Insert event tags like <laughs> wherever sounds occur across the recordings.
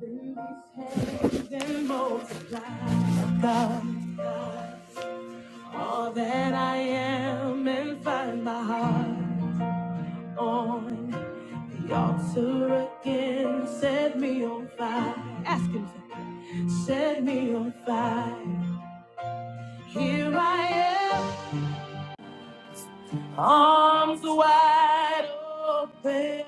and multiply, God, all that I am and find my heart on the altar again. Set me on fire. Ask him to set me on fire. Here I am, arms wide open,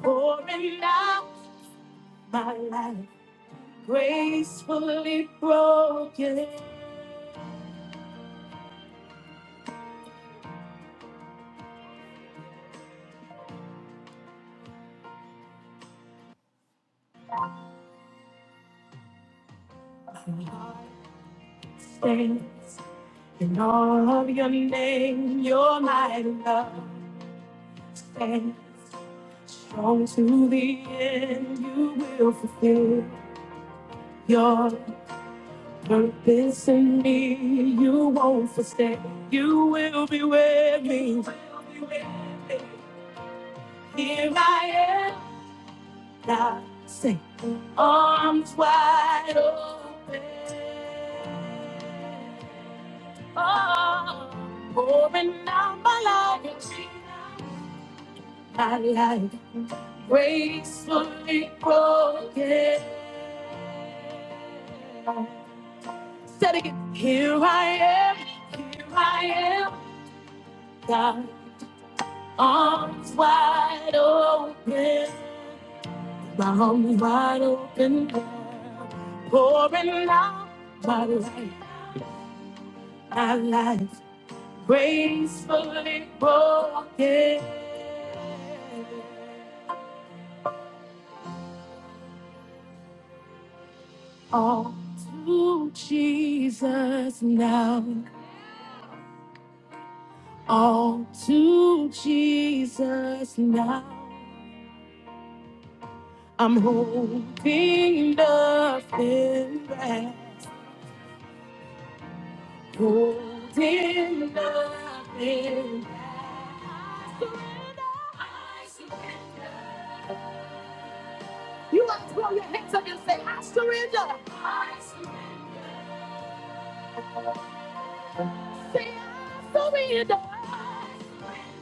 pouring out my life. gracefully broken heart stands in all of your name, your mighty love stands strong to the end. You will fulfill your purpose in me. You won't forsake. You will be with me. Here I am. I say, arms wide open, oh, pouring out my life, my life gracefully broken. Said again, here I am, here I am, God, arms wide open. My am wide open, God, pouring out my life, my life gracefully broken. All to Jesus now, all to Jesus now. I'm holding nothing back. Holding nothing back. I surrender. You want to throw your hands up and say, I surrender. I surrender. Say, I surrender. I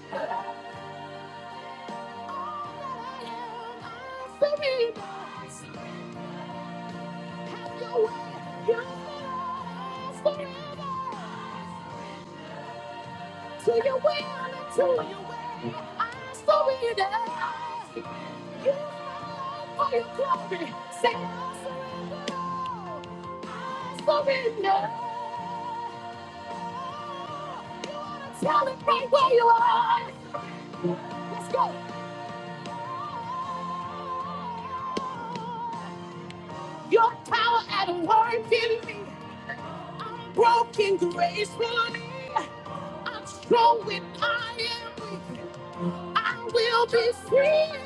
surrender. I surrender. Have your way. You surrender. to your will and to your way. I surrender. Use my life for your glory. Say I surrender. I surrender. Tell it right where you are. Let's go. Your power at work in me. I'm broken gracefully. I'm strong when I am weak. I will be free.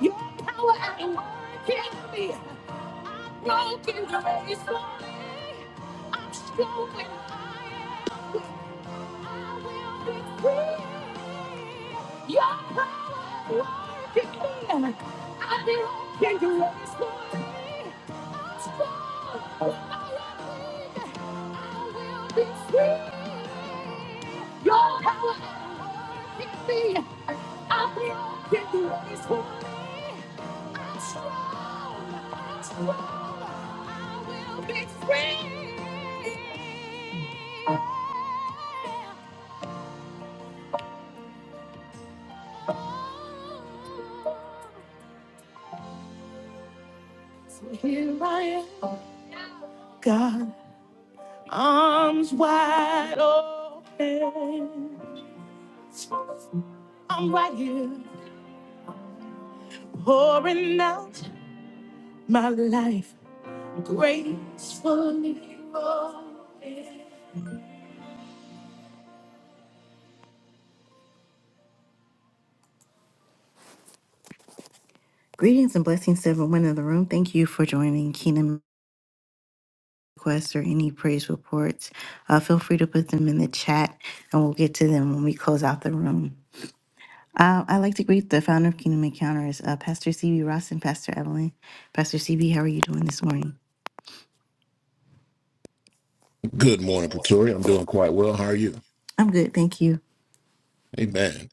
Your power at work in me. I'm broken, grace for me. I'm strong when I am weak. I will be free. Your power working in. me. I belong to you. It's for me. I'm strong. I am weak. I will be free. Your power working in. me. I belong to you. It's for me. I'm strong. I'm strong. I will be free. So Here I am, God, arms wide open. I'm right here, pouring out my life gracefully. Greetings and blessings to everyone in the room. Thank you for joining Kingdom Requests or any praise reports. Uh, feel free to put them in the chat and we'll get to them when we close out the room. Uh, I'd like to greet the founder of Kingdom Encounters, uh, Pastor CB Ross and Pastor Evelyn. Pastor CB, how are you doing this morning? Good morning, Pretoria. I'm doing quite well. How are you? I'm good, thank you. Amen.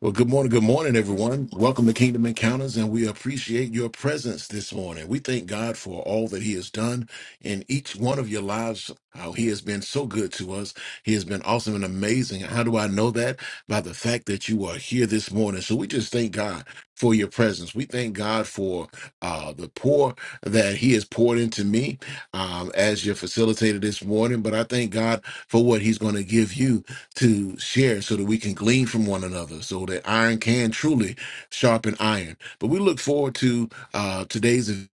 Well, good morning, good morning, everyone. Welcome to Kingdom Encounters, and we appreciate your presence this morning. We thank God for all that He has done in each one of your lives, how He has been so good to us. He has been awesome and amazing. How do I know that? By the fact that you are here this morning. So we just thank God for your presence. We thank God for uh, the pour that He has poured into me um, as your facilitator this morning, but I thank God for what He's going to give you to share so that we can glean from one another so that iron can truly sharpen iron but we look forward to uh today's event,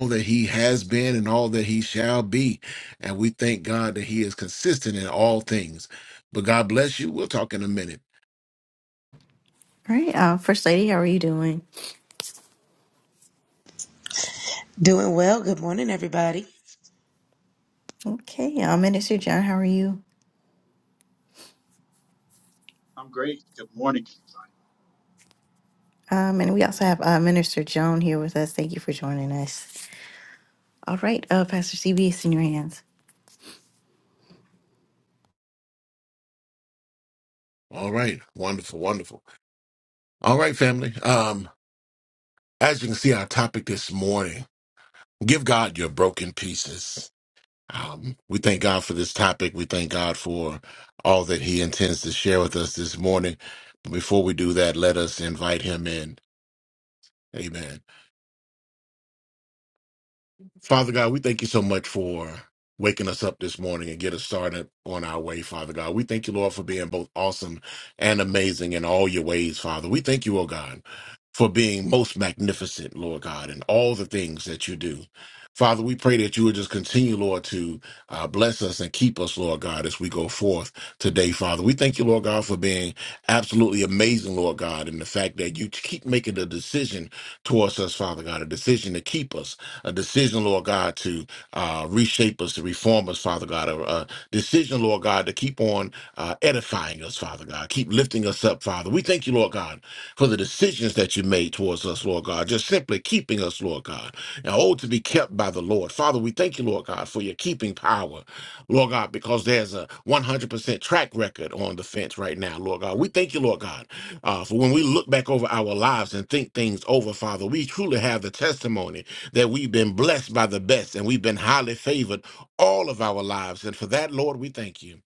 all that he has been and all that he shall be and we thank god that he is consistent in all things but god bless you we'll talk in a minute All right, uh, First Lady, how are you doing? Doing well. Good morning, everybody. Okay, uh, Minister John, how are you? I'm great. Good morning. Um, and we also have uh, Minister Joan here with us. Thank you for joining us. All right, uh, Pastor CB, it's in your hands. all right wonderful wonderful all right family um as you can see our topic this morning give god your broken pieces Um, we thank God for this topic. We thank God for all that He intends to share with us this morning. But before we do that, let us invite Him in. Amen. Father God, we thank you so much for waking us up this morning and get us started on our way, Father God. We thank you, Lord, for being both awesome and amazing in all your ways, Father. We thank you, oh God, for being most magnificent, Lord God, in all the things that you do. Father, we pray that you would just continue, Lord, to Uh, bless us and keep us, Lord God, as we go forth today, Father. We thank you, Lord God, for being absolutely amazing, Lord God, and the fact that you keep making a decision towards us, Father God, a decision to keep us, a decision, Lord God, to uh, reshape us, to reform us us, Father God, a, a decision, Lord God, to keep on uh, edifying us, Father God, keep lifting us up, Father. We thank you, Lord God, for the decisions that you made towards us, Lord God, just simply keeping us, Lord God. And oh, to be kept by the Lord. Father, we thank you, Lord God, for your keeping power, Lord God, because there's a 100% track record on the fence right now, Lord God. We thank you, Lord God, uh, for when we look back over our lives and think things over, Father, we truly have the testimony that we've been blessed by the best and we've been highly favored all of our lives. And for that, Lord, we thank you.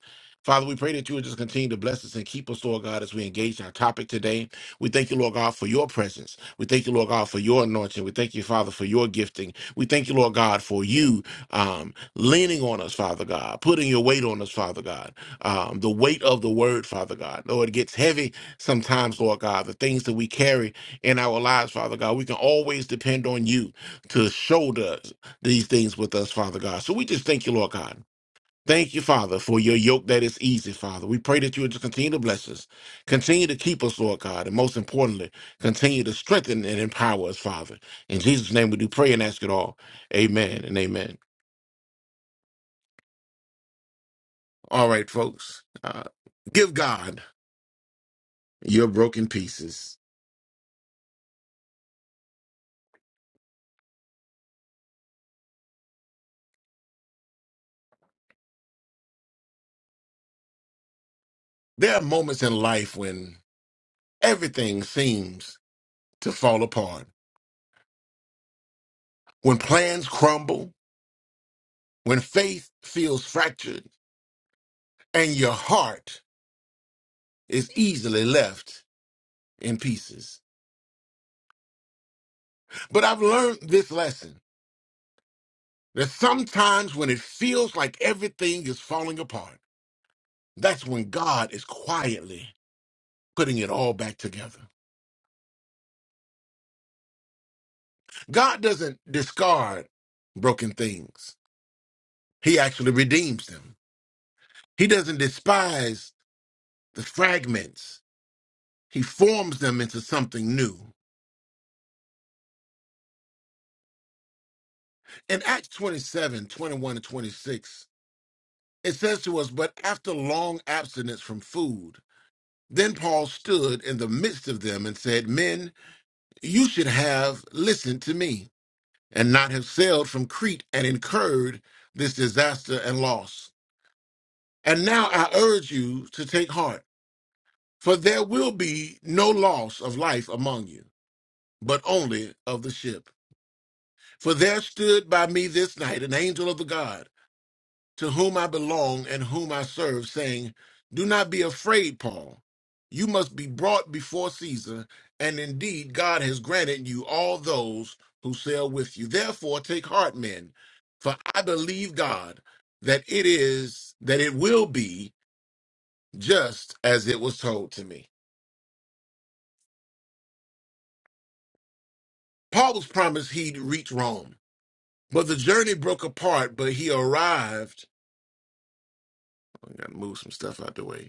Father, we pray that you would just continue to bless us and keep us, Lord God, as we engage in our topic today. We thank you, Lord God, for your presence. We thank you, Lord God, for your anointing. We thank you, Father, for your gifting. We thank you, Lord God, for you um, leaning on us, Father God, putting your weight on us, Father God. Um, the weight of the word, Father God. Lord, it gets heavy sometimes, Lord God. The things that we carry in our lives, Father God, we can always depend on you to shoulder these things with us, Father God. So we just thank you, Lord God. Thank you, Father, for your yoke that is easy, Father. We pray that you would just continue to bless us, continue to keep us, Lord God, and most importantly, continue to strengthen and empower us, Father. In Jesus' name, we do pray and ask it all. Amen and amen. All right, folks, uh, give God your broken pieces. There are moments in life when everything seems to fall apart, when plans crumble, when faith feels fractured, and your heart is easily left in pieces. But I've learned this lesson that sometimes when it feels like everything is falling apart, that's when God is quietly putting it all back together. God doesn't discard broken things, He actually redeems them. He doesn't despise the fragments, He forms them into something new. In Acts 27, 21, and 26, it says to us, But after long abstinence from food, Then Paul stood in the midst of them and said, Men, you should have listened to me and not have sailed from Crete and incurred this disaster and loss. And now I urge you to take heart, for there will be no loss of life among you, but only of the ship. For there stood by me this night an angel of the God to whom I belong and whom I serve, saying, Do not be afraid, Paul. You must be brought before Caesar, and indeed God has granted you all those who sail with you. Therefore, take heart, men, for I believe God that it is, that it will be just as it was told to me. Paul was promised he'd reach Rome, but the journey broke apart, but he arrived. I gotta move some stuff out the way.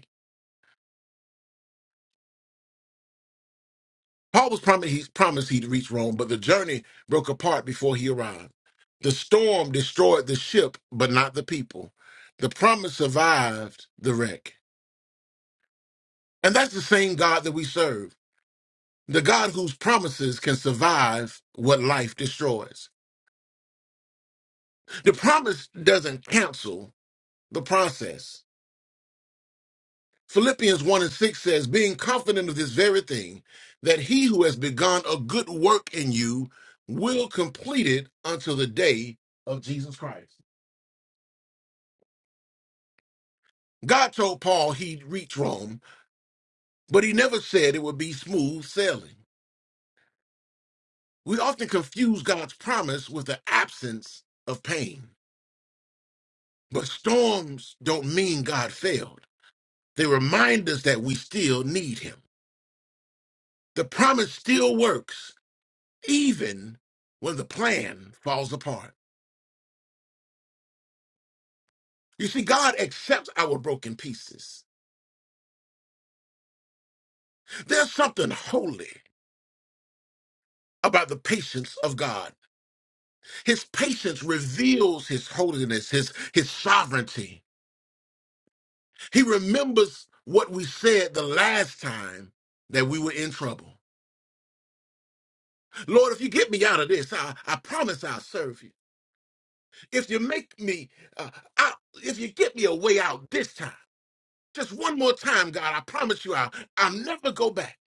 Paul was promised he promised he'd reach Rome, but the journey broke apart before he arrived. The storm destroyed the ship, but not the people. The promise survived the wreck. And that's the same God that we serve. The God whose promises can survive what life destroys. The promise doesn't cancel the process. Philippians 1 and 6 says, Being confident of this very thing, that he who has begun a good work in you will complete it until the day of Jesus Christ. God told Paul he'd reach Rome, but he never said it would be smooth sailing. We often confuse God's promise with the absence of pain. But storms don't mean God failed, they remind us that we still need him. The promise still works, even when the plan falls apart. You see, God accepts our broken pieces. There's something holy about the patience of God. His patience reveals his holiness, his, his sovereignty. He remembers what we said the last time that we were in trouble. Lord, if you get me out of this, I, I promise I'll serve you. If you make me, uh, out, if you get me a way out this time, just one more time, God, I promise you I'll, I'll never go back.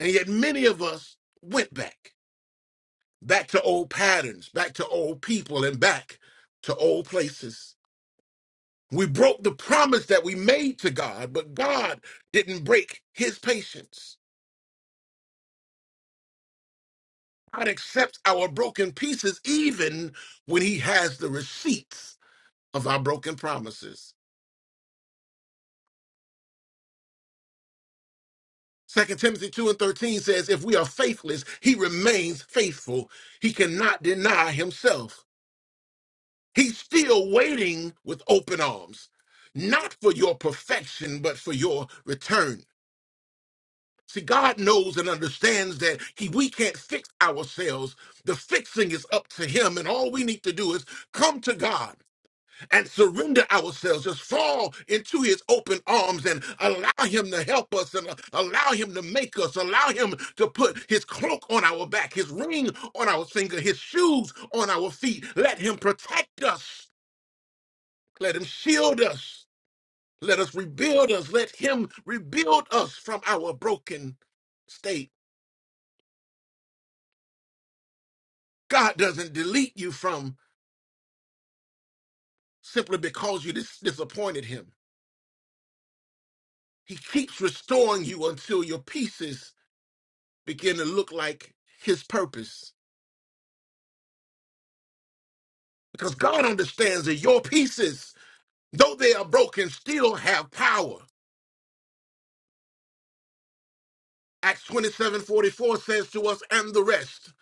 And yet many of us went back. back to old patterns, back to old people, and back to old places. We broke the promise that we made to God, but God didn't break his patience. God accepts our broken pieces even when he has the receipts of our broken promises. Second Timothy 2 and 13 says, If we are faithless, he remains faithful. He cannot deny himself. He's still waiting with open arms, not for your perfection, but for your return. See, God knows and understands that he, we can't fix ourselves. The fixing is up to him, and all we need to do is come to God and surrender ourselves, just fall into his open arms and allow him to help us and allow him to make us, allow him to put his cloak on our back, his ring on our finger, his shoes on our feet. Let him protect us, let him shield us, let us rebuild us, let him rebuild us from our broken state. God doesn't delete you from simply because you dis- disappointed him. He keeps restoring you until your pieces begin to look like his purpose. Because God understands that your pieces, though they are broken, still have power. Acts 27 44 says to us, and the rest,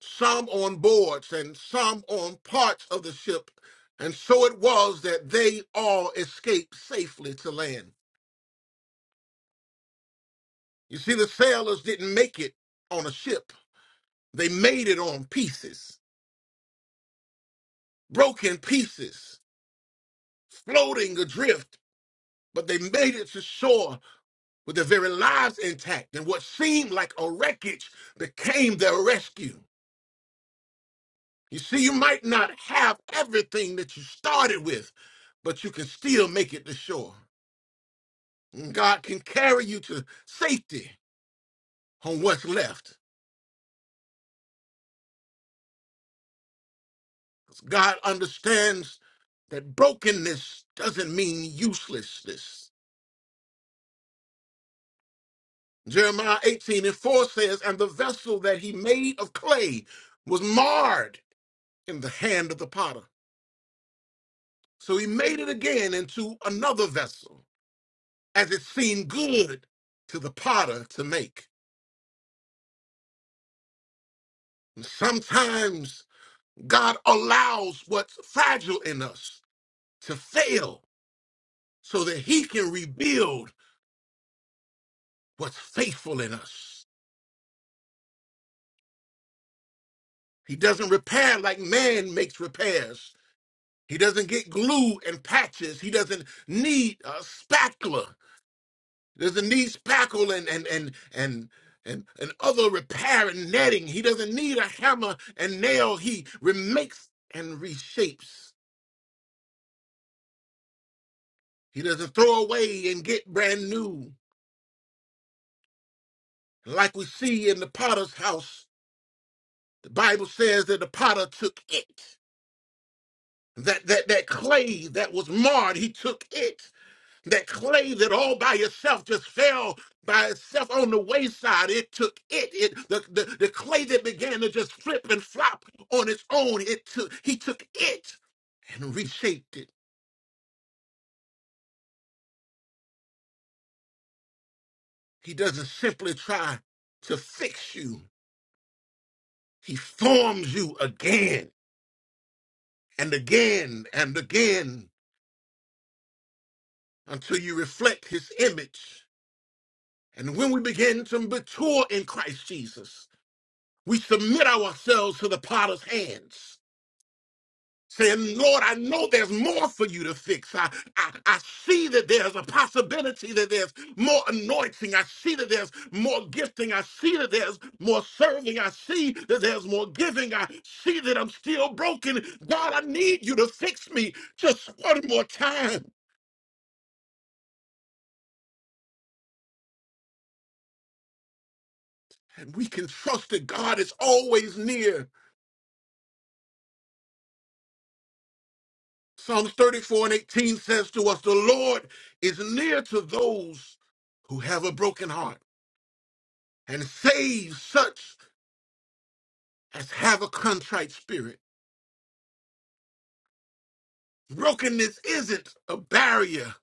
some on boards and some on parts of the ship. And so it was that they all escaped safely to land. You see, the sailors didn't make it on a ship They made it on pieces, broken pieces, floating adrift, but they made it to shore with their very lives intact. And what seemed like a wreckage became their rescue. You see, you might not have everything that you started with, but you can still make it to shore. And God can carry you to safety on what's left. God understands that brokenness doesn't mean uselessness. Jeremiah 18 and 4 says, And the vessel that he made of clay was marred in the hand of the potter. So he made it again into another vessel, as it seemed good to the potter to make. And sometimes God allows what's fragile in us to fail so that he can rebuild what's faithful in us. He doesn't repair like man makes repairs. He doesn't get glue and patches. He doesn't need a spatula. Doesn't need spackle and and and and and, and other repair and netting. He doesn't need a hammer and nail. He remakes and reshapes. He doesn't throw away and get brand new. Like we see in the potter's house, the Bible says that the potter took it. That that that clay that was marred, he took it that clay that all by itself just fell by itself on the wayside it took it it the, the, the clay that began to just flip and flop on its own it took he took it and reshaped it he doesn't simply try to fix you he forms you again and again and again until you reflect his image and when we begin to mature in christ jesus we submit ourselves to the potter's hands saying, Lord, I know there's more for you to fix. I, I, I see that there's a possibility that there's more anointing. I see that there's more gifting. I see that there's more serving. I see that there's more giving. I see that I'm still broken. God, I need you to fix me just one more time. And we can trust that God is always near. Psalms 34 and 18 says to us, The Lord is near to those who have a broken heart and saves such as have a contrite spirit. Brokenness isn't a barrier,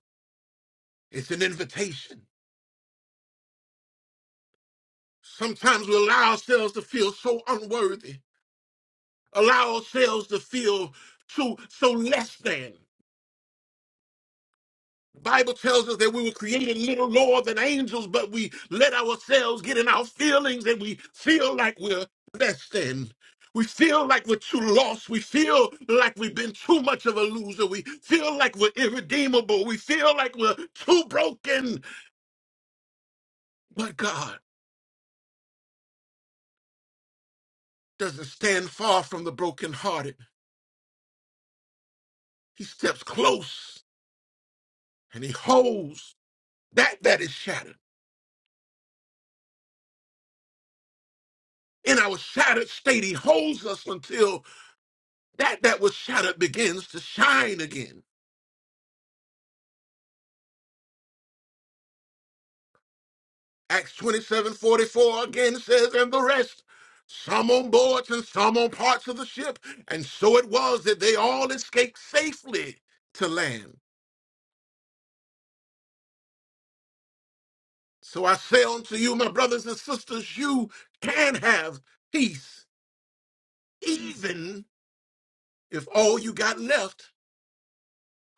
it's an invitation. Sometimes we allow ourselves to feel so unworthy, allow ourselves to feel so, so less than. The Bible tells us that we were created little lower than angels, but we let ourselves get in our feelings and we feel like we're less than. We feel like we're too lost. We feel like we've been too much of a loser. We feel like we're irredeemable. We feel like we're too broken But God doesn't stand far from the brokenhearted. He steps close and he holds that that is shattered. In our shattered state, he holds us until that that was shattered begins to shine again. Acts 27 44 again says, And the rest, some on boards and some on parts of the ship. And so it was that they all escaped safely to land. So I say unto you, my brothers and sisters, you can have peace, even if all you got left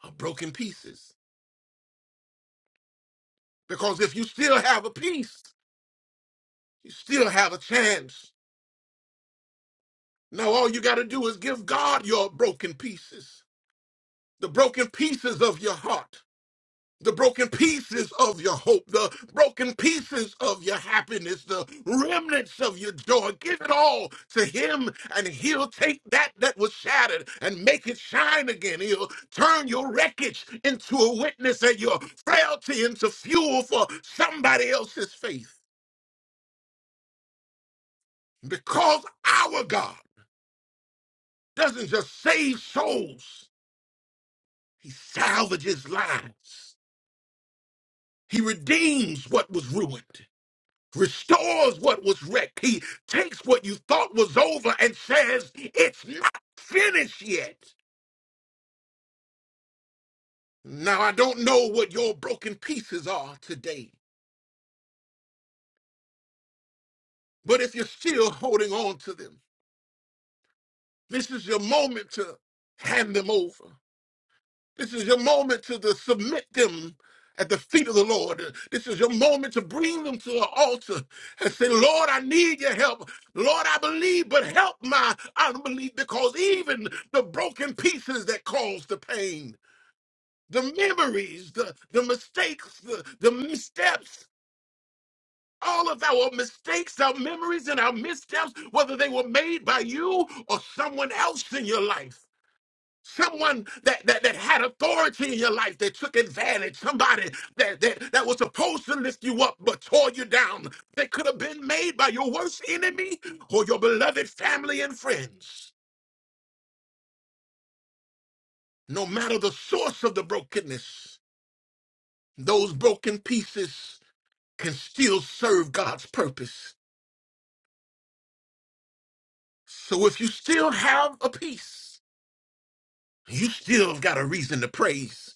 are broken pieces. Because if you still have a piece, you still have a chance. Now all you got to do is give God your broken pieces, the broken pieces of your heart, the broken pieces of your hope, the broken pieces of your happiness, the remnants of your joy. Give it all to Him, and He'll take that that was shattered and make it shine again. He'll turn your wreckage into a witness and your frailty into fuel for somebody else's faith. Because our God doesn't just save souls, He salvages lives, He redeems what was ruined. restores what was wrecked. He takes what you thought was over and says, It's not finished yet. Now, I don't know what your broken pieces are today, but if you're still holding on to them, this is your moment to hand them over. This is your moment to, to submit them at the feet of the Lord. This is your moment to bring them to the altar and say, Lord, I need your help. Lord, I believe, but help my unbelief because even the broken pieces that cause the pain, the memories, the, the mistakes, the, the missteps, all of our mistakes, our memories, and our missteps, whether they were made by you or someone else in your life someone that, that that had authority in your life that took advantage somebody that, that that was supposed to lift you up but tore you down that could have been made by your worst enemy or your beloved family and friends no matter the source of the brokenness those broken pieces can still serve god's purpose so if you still have a piece you still have got a reason to praise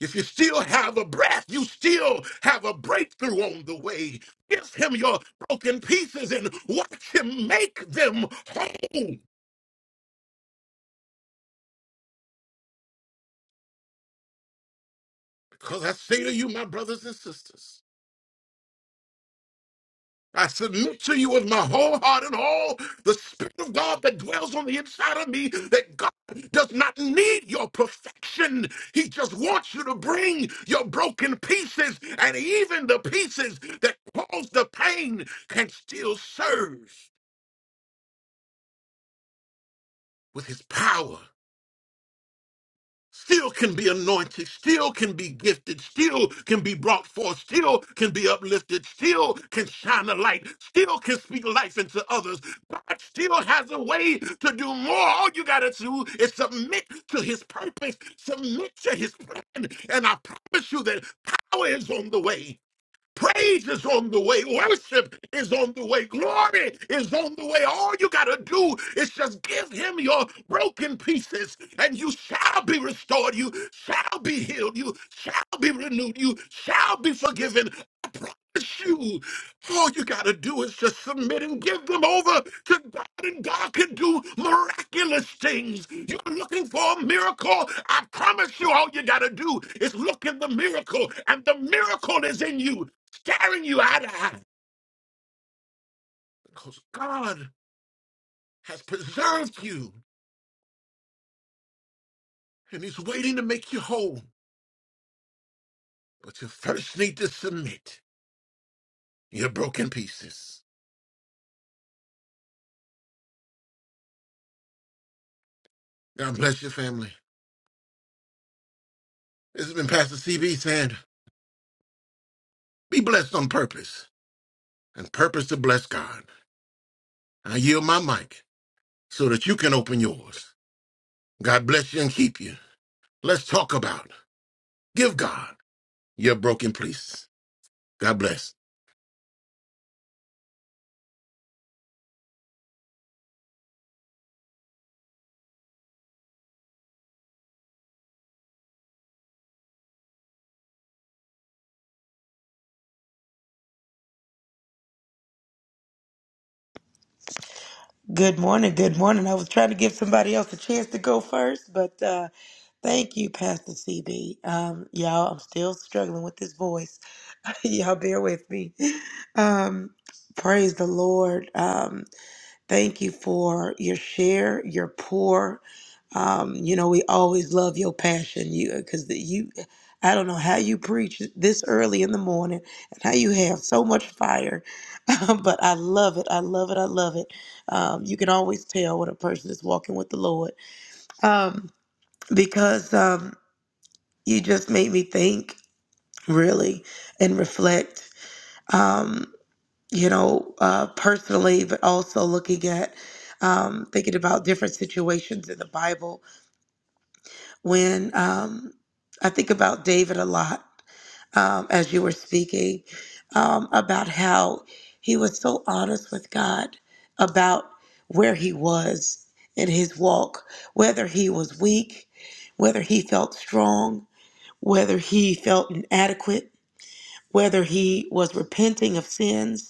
If you still have a breath, you still have a breakthrough on the way. Give him your broken pieces and watch him make them whole. Because I say to you, my brothers and sisters, I submit to you with my whole heart and all the Spirit of God that dwells on the inside of me, that God does not need your perfection. He just wants you to bring your broken pieces, and even the pieces that cause the pain can still serve. with his power still can be anointed, still can be gifted, still can be brought forth, still can be uplifted, still can shine a light, still can speak life into others. God still has a way to do more. All you got to do is submit to his purpose, submit to his plan. And I promise you that power is on the way. Praise is on the way. Worship is on the way. Glory is on the way. All you got to do is just give him your broken pieces, and you shall be restored. You shall be healed. You shall be renewed. You shall be forgiven. I promise you. All you got to do is just submit and give them over to God, and God can do miraculous things. You're looking for a miracle. I promise you, all you got to do is look in the miracle, and the miracle is in you staring you eye to eye because God has preserved you and He's waiting to make you whole. But you first need to submit your broken pieces. God bless your family. This has been Pastor CB saying, be blessed on purpose and purpose to bless God. I yield my mic so that you can open yours. God bless you and keep you. Let's talk about, give God your broken pieces. God bless. Good morning. Good morning. I was trying to give somebody else a chance to go first, but uh, thank you, Pastor CB. Um, y'all, I'm still struggling with this voice. <laughs> y'all, bear with me. Um, praise the Lord. Um, Thank you for your share, your pour. Um, you know, we always love your passion. You because you, I don't know how you preach this early in the morning and how you have so much fire, <laughs> but I love it. I love it. I love it. Um, you can always tell when a person is walking with the Lord um, because um, you just made me think really and reflect. Um, you know, uh, personally, but also looking at um, thinking about different situations in the Bible. When um, I think about David a lot um, as you were speaking um, about how he was so honest with God about where he was in his walk, whether he was weak, whether he felt strong, whether he felt inadequate, whether he was repenting of sins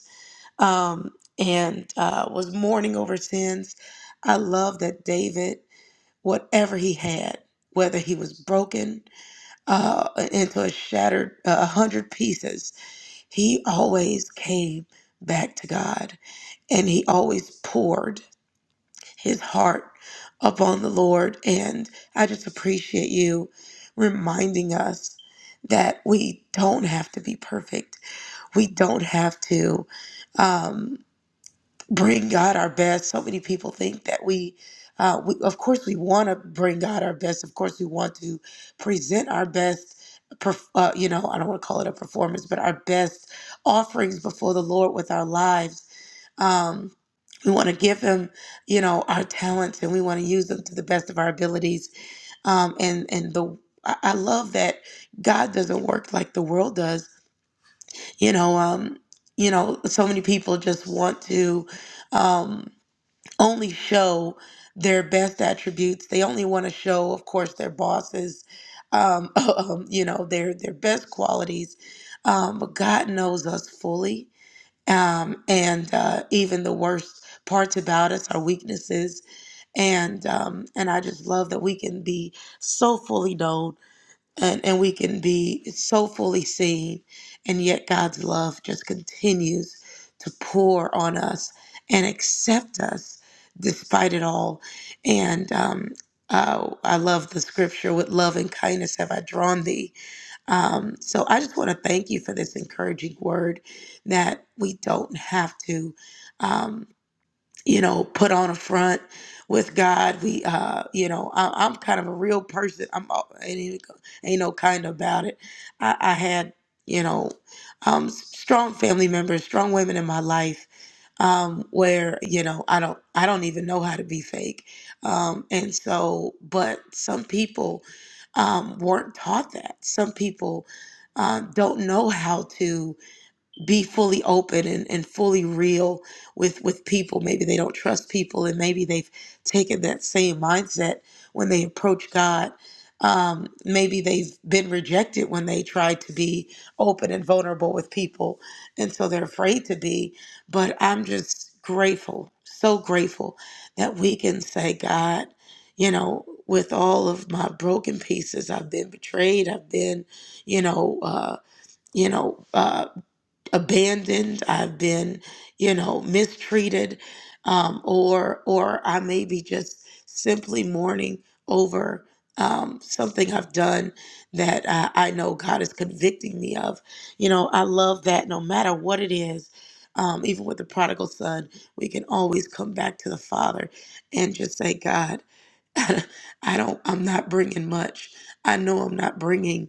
um, and uh, was mourning over sins. I love that David, whatever he had, whether he was broken uh, into a shattered uh, a hundred pieces, he always came back to God, and he always poured his heart upon the Lord. And I just appreciate you reminding us. That we don't have to be perfect. We don't have to. Um, bring God our best. So many people think that we, uh, we of course, we want to bring God our best. Of course, we want to present our best. perf- Uh, you know, I don't want to call it a performance, but our best offerings before the Lord with our lives. Um, we want to give him, you know, our talents, and we want to use them to the best of our abilities. Um, and and the I I love that God doesn't work like the world does. You know, um, you know, so many people just want to. Um, only show their best attributes. They only want to show, of course, their bosses, um, <laughs> um, you know, their their best qualities. Um, but God knows us fully, um, and uh, even the worst parts about us, our weaknesses, and um, and I just love that we can be so fully known and, and we can be so fully seen and yet god's love just continues to pour on us and accept us despite it all and um, uh, i love the scripture with love and kindness have i drawn thee um, so i just want to thank you for this encouraging word that we don't have to um, you know, put on a front with God. We, uh, you know, I, I'm kind of a real person. I'm all- ain't, even go- ain't no kind about it. I, I had, you know, um, s- strong family members, strong women in my life, um, where you know I don't, I don't even know how to be fake. Um, and so, but some people um, weren't taught that. Some people uh, don't know how to be fully open and, and fully real with with people maybe they don't trust people and maybe they've taken that same mindset when they approach god um, maybe they've been rejected when they tried to be open and vulnerable with people and so they're afraid to be but i'm just grateful so grateful that we can say god you know with all of my broken pieces i've been betrayed i've been you know uh you know, uh, abandoned i've been you know mistreated um, or or i may be just simply mourning over um, something i've done that I, I know god is convicting me of you know i love that no matter what it is um, even with the prodigal son we can always come back to the father and just say god <laughs> i don't i'm not bringing much i know i'm not bringing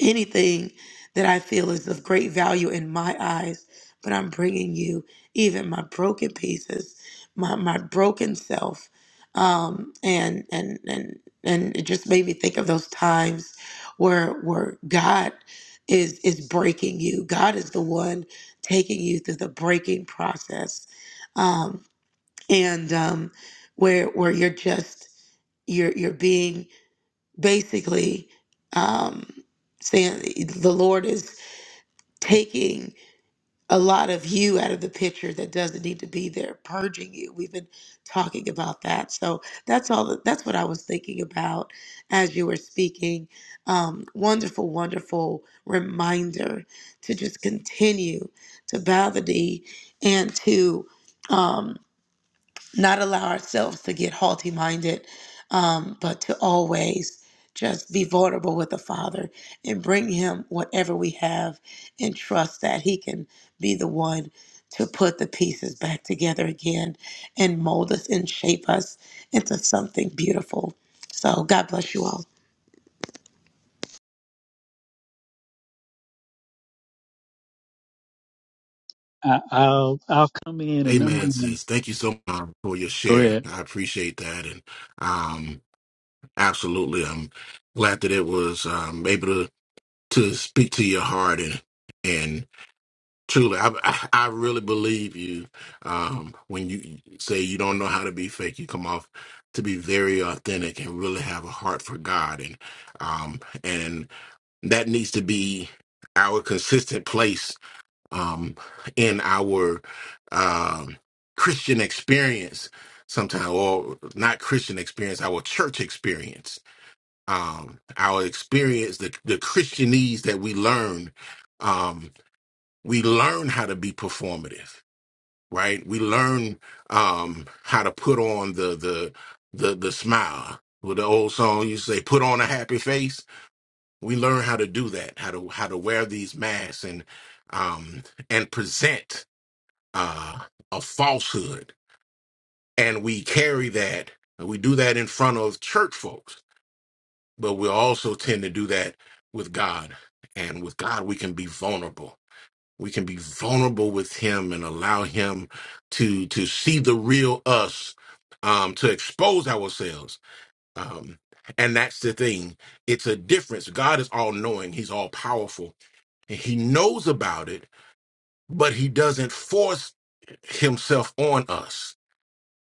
anything that I feel is of great value in my eyes, but I'm bringing you even my broken pieces, my my broken self, um, and and and and it just made me think of those times where where God is is breaking you. God is the one taking you through the breaking process, um, and um, where where you're just you're you're being basically um, saying the Lord is taking a lot of you out of the picture that doesn't need to be there, purging you. We've been talking about that, so that's all. that- That's what I was thinking about as you were speaking. Um, wonderful, wonderful reminder to just continue to bow the knee and to. um, not allow ourselves to get haughty minded, um, but to always just be vulnerable with the Father and bring Him whatever we have and trust that He can be the one to put the pieces back together again and mold us and shape us into something beautiful. So, God bless you all. I, I'll I'll come in and I'm Amen, going to sis. Thank you so much for your go share. ahead. I appreciate that. And, um. Absolutely. I'm glad that it was um, able to to speak to your heart and and truly, I I, I really believe you um, when you say you don't know how to be fake. You come off to be very authentic and really have a heart for God, and um, and that needs to be our consistent place um, in our um, Christian experience. Sometimes, or not Christian experience, our church experience um, our experience, the, the Christianese that we learn, um, we learn how to be performative, right? We learn um, how to put on the the the the smile. With the old song you say, "Put on a happy face." We learn how to do that, how to how to wear these masks and um, and present uh, a falsehood, and we carry that. and We do that in front of church folks but we also tend to do that with God. And with God, we can be vulnerable. We can be vulnerable with Him and allow Him to to see the real us, um, to expose ourselves. Um, and that's the thing. It's a difference. God is all knowing. He's all powerful. And he knows about it, but he doesn't force himself on us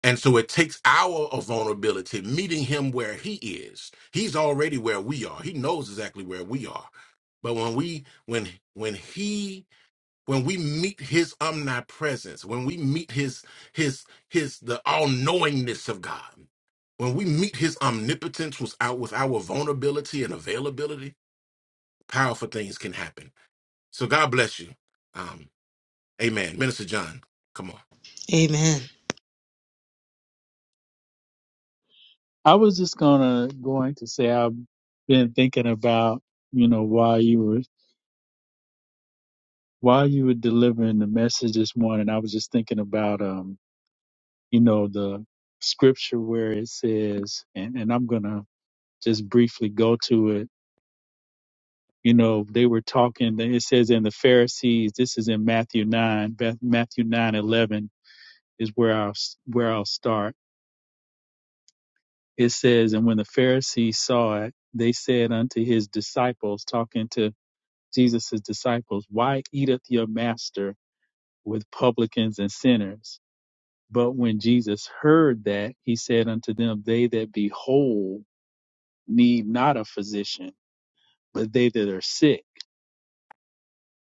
and so it takes our vulnerability, meeting him where he is. He's already where we are. He knows exactly where we are. But when we when when he when we meet his omnipresence, when we meet his his his the all-knowingness of God, when we meet his omnipotence with our, with our vulnerability and availability, powerful things can happen. So God bless you. Um, amen. Minister John, come on. Amen. I was just gonna going to say I've been thinking about you know while you were while you were delivering the message this morning. I was just thinking about um you know the scripture where it says and, and I'm gonna just briefly go to it. You know they were talking. It says in the Pharisees. This is in Matthew nine. Beth- Matthew nine eleven is where I'll s- where I'll start it says, And when the Pharisees saw it, they said unto his disciples, talking to Jesus' disciples, Why eateth your master with publicans and sinners? But when Jesus heard that, he said unto them, They that be whole need not a physician, but they that are sick.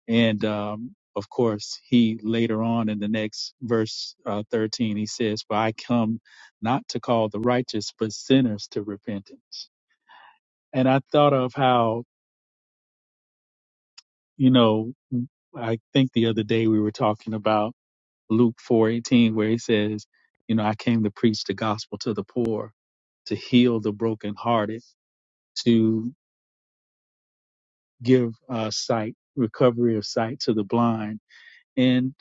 And um, of course, he later on in the next verse uh, 13, he says, For I come not to call the righteous, but sinners to repentance. And I thought of how You know, I think the other day we were talking about Luke 4:18 where he says, you know, I came to preach the gospel to the poor, to heal the brokenhearted, to give uh, sight, recovery of sight to the blind. And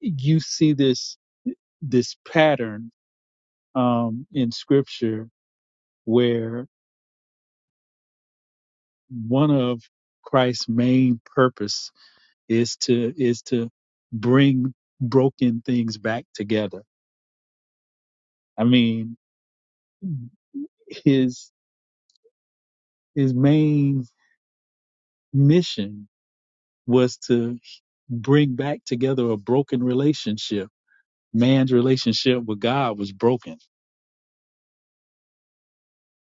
you see this this pattern um, in scripture where one of Christ's main purpose is to is to bring broken things back together. I mean, his his main mission was to bring back together a broken relationship. Man's relationship with God was broken.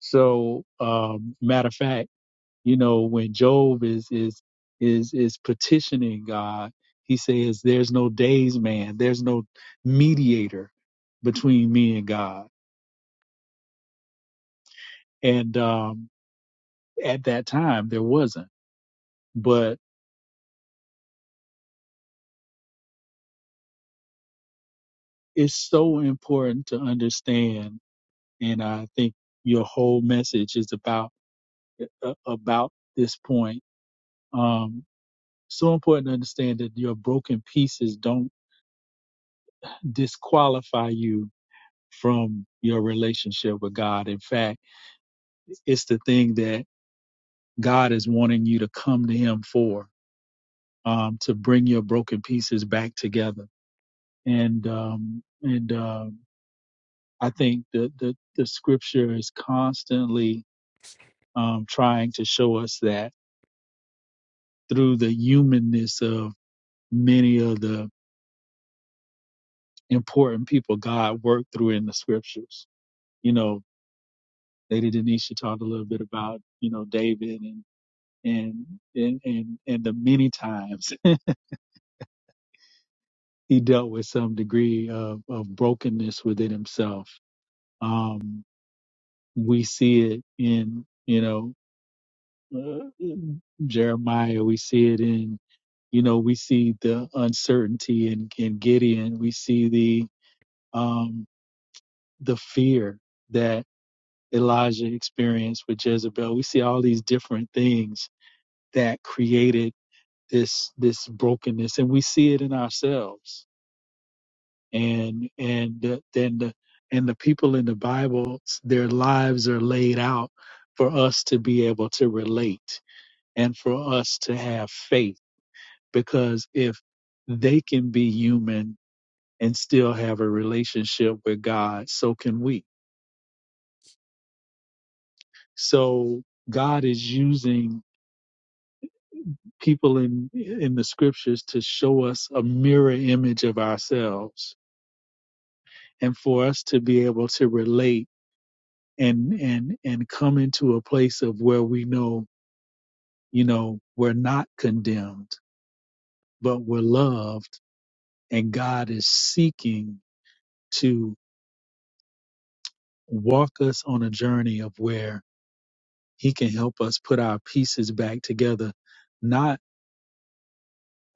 So, um, matter of fact, you know, when Job is is is is petitioning God, he says, "There's no days man. There's no mediator between me and God." And um, at that time, there wasn't. But it's so important to understand and I think your whole message is about uh, about this point. Um, so important to understand that your broken pieces don't disqualify you from your relationship with God. In fact, it's the thing that God is wanting you to come to Him for, um, to bring your broken pieces back together. And um, and um, I think the, the the Scripture is constantly um, trying to show us that. through the humanness of many of the important people God worked through in the scriptures. You know, Lady Denisha talked a little bit about, you know, David and and and and, and the many times <laughs> he dealt with some degree of, of brokenness within himself. Um, we see it in, you know, uh, in Jeremiah. We see it in, you know, we see the uncertainty in, in Gideon. We see the um, the fear that Elijah experienced with Jezebel. We see all these different things that created this this brokenness, and we see it in ourselves. And and the- then the the and the people in the Bible, their lives are laid out for us to be able to relate and for us to have faith. Because if they can be human and still have a relationship with God, so can we. So God is using people in in the scriptures to show us a mirror image of ourselves and for us to be able to relate and and and come into a place of where we know you know we're not condemned but we're loved and God is seeking to walk us on a journey of where he can help us put our pieces back together not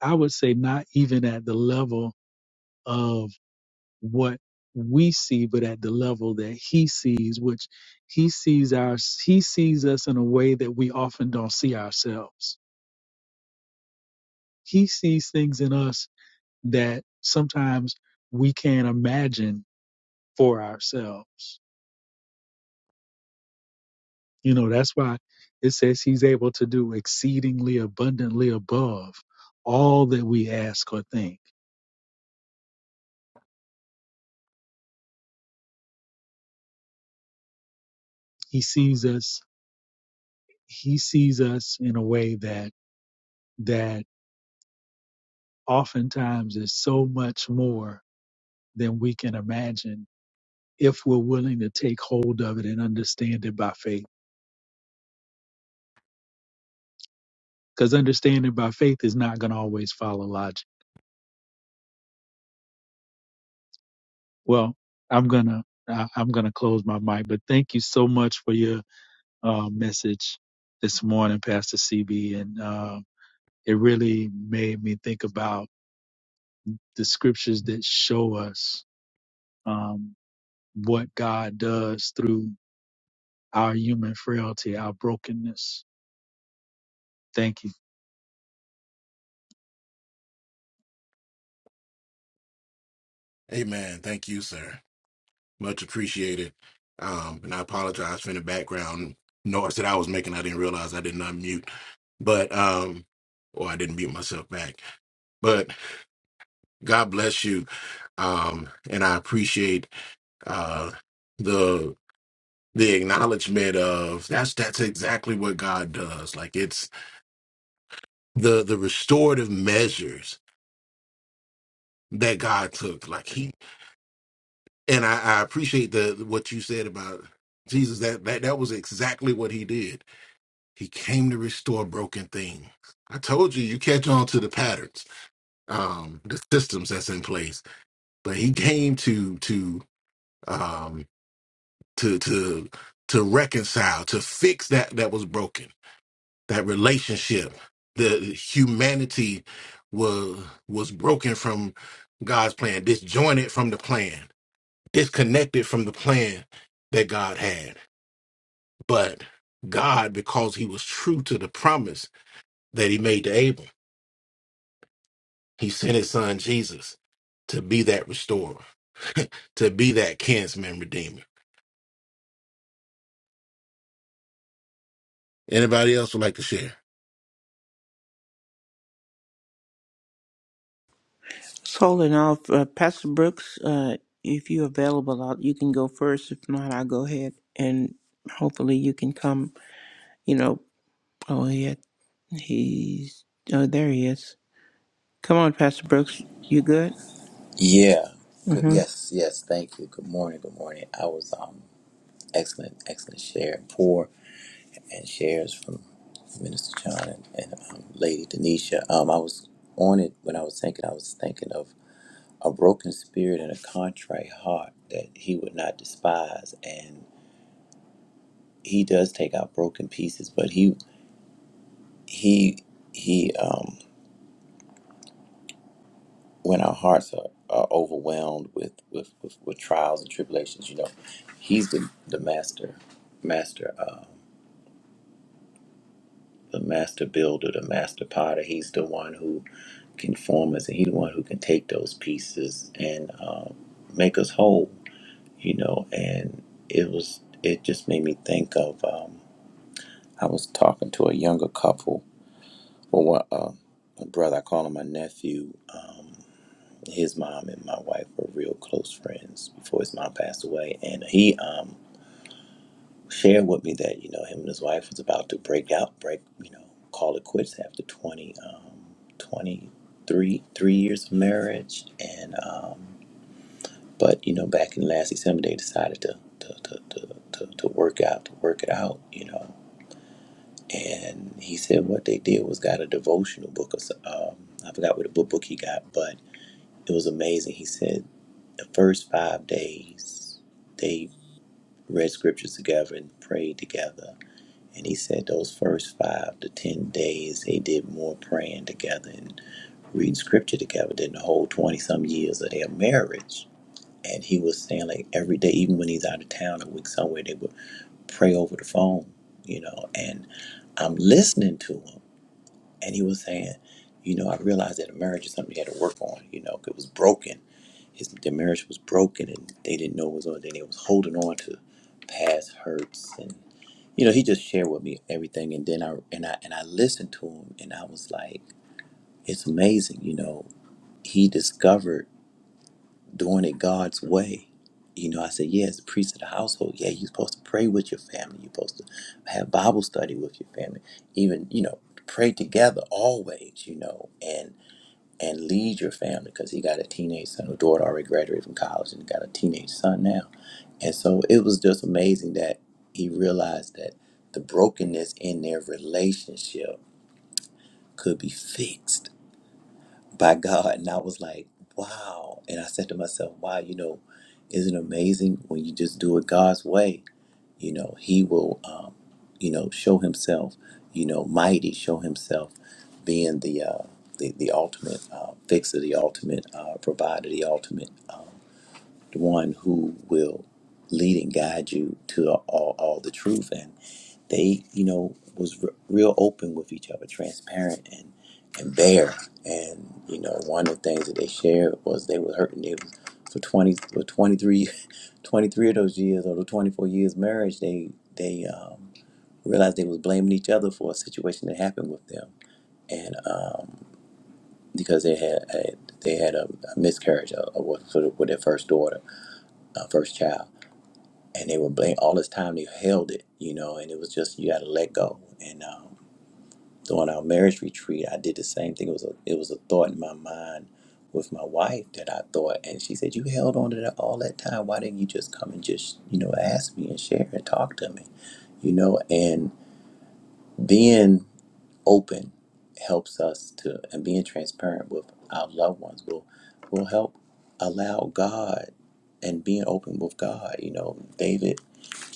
I would say not even at the level of. what we see, but at the level that he sees, which he sees our he sees us in a way that we often don't see ourselves. He sees things in us that sometimes we can't imagine for ourselves. You know, that's why it says he's able to do exceedingly abundantly above all that we ask or think. He sees us he sees us in a way that that oftentimes is so much more than we can imagine if we're willing to take hold of it and understand it by faith. Because understanding by faith is not going to always follow logic. Well, I'm gonna I, I'm gonna close my mic, but thank you so much for your uh, message this morning, Pastor CB, and uh, it really made me think about the scriptures that show us um, what God does through our human frailty, our brokenness. Thank you. Amen. Thank you, sir. Much appreciated. Um, and I apologize for any background noise that I was making. I didn't realize I didn't unmute, but um, or I didn't mute myself back. But God bless you. Um, and I appreciate uh the the acknowledgement of that's that's exactly what God does. Like it's the the restorative measures that God took. Like he and I, I appreciate the what you said about Jesus. That that that was exactly what he did He came to restore broken things. I told you, you catch on to the patterns, um, the systems that's in place. But he came to to um, to to to reconcile, to fix that that was broken, that relationship, the humanity was was broken from God's plan, disjointed from the plan, disconnected from the plan that God had. But God, because He was true to the promise that He made to Abel He sent his son Jesus to be that restorer, to be that kinsman redeemer. Anybody else would like to share? So enough, uh, Pastor Brooks, uh, if you're available, i you can go first. If not, I'll go ahead and hopefully you can come. You know, oh, yeah, he's oh, there he is. Come on, Pastor Brooks, you good? Yeah. Good. hmm Yes. Yes. Thank you. Good morning. Good morning. I was um excellent, excellent share and pour and shares from Minister John and, and um, Lady Denisha. Um, I was on it when I was thinking. I was thinking of a broken spirit and a contrite heart that He would not despise, and He does take out broken pieces, but He He He um when our hearts are, are overwhelmed with, with, with, with trials and tribulations, you know, he's the, the master, master, um, the master builder, the master potter. He's the one who can form us and he's the one who can take those pieces and um, make us whole, you know. And it was, it just made me think of, um, I was talking to a younger couple, or one, um a brother, I call him my nephew. Um, his mom and my wife were real close friends before his mom passed away and he um shared with me that you know him and his wife was about to break out break you know call it quits after 20 um 23 three years of marriage and um but you know back in last december they decided to to, to, to, to, to work out to work it out you know and he said what they did was got a devotional book or so- um i forgot what the book book he got but it was amazing. He said The first five days, they read scriptures together and prayed together. And he said those first five to ten days, they did more praying together and reading scripture together than the whole 20 some years of their marriage. And he was saying, like, every day, even when he's out of town a week somewhere, they would pray over the phone, you know. And I'm listening to him. And he was saying, you know, I realized that a marriage is something he had to work on, you know, it was broken his their marriage was broken and they didn't know it was on Then they was holding on to past hurts and you know he just shared with me everything and then I and I and I listened to him and I was like it's amazing you know he discovered doing it God's way you know I said yeah as a priest of the household yeah you're supposed to pray with your family you're supposed to have Bible study with your family even you know pray together always you know And and lead your family because he got a teenage son. Her daughter already graduated from college and got a teenage son now. And so it was just amazing that he realized that the brokenness in their relationship could be fixed by God. And I was like, wow. And I said to myself, wow, you know, isn't it amazing when you just do it God's way? you know he will um, you know show himself you know mighty show himself being the uh, the, the ultimate uh, fixer the ultimate uh, provider the ultimate um, the one who will lead and guide you to all, all the truth and they you know was re- real open with each other transparent and and bare and you know one of the things that they shared was they were hurting they was for 20 for 23 23 of those years or the 24 years marriage they they um, realized they was blaming each other for a situation that happened with them and um, because they had a, they had a, a miscarriage of, of what- sort of with their first daughter uh, first child and they were blame all this time they held it you know and it was just you got to let go and um, during our marriage retreat I did the same thing it was a, it was a thought in my mind with my wife that I thought, and she said, "You held on to that all that time. Why didn't you just come and just, you know, ask me and share and talk to me?" you know, and being open helps us to, and being transparent with our loved ones will will help allow God and being open with God. You know, David,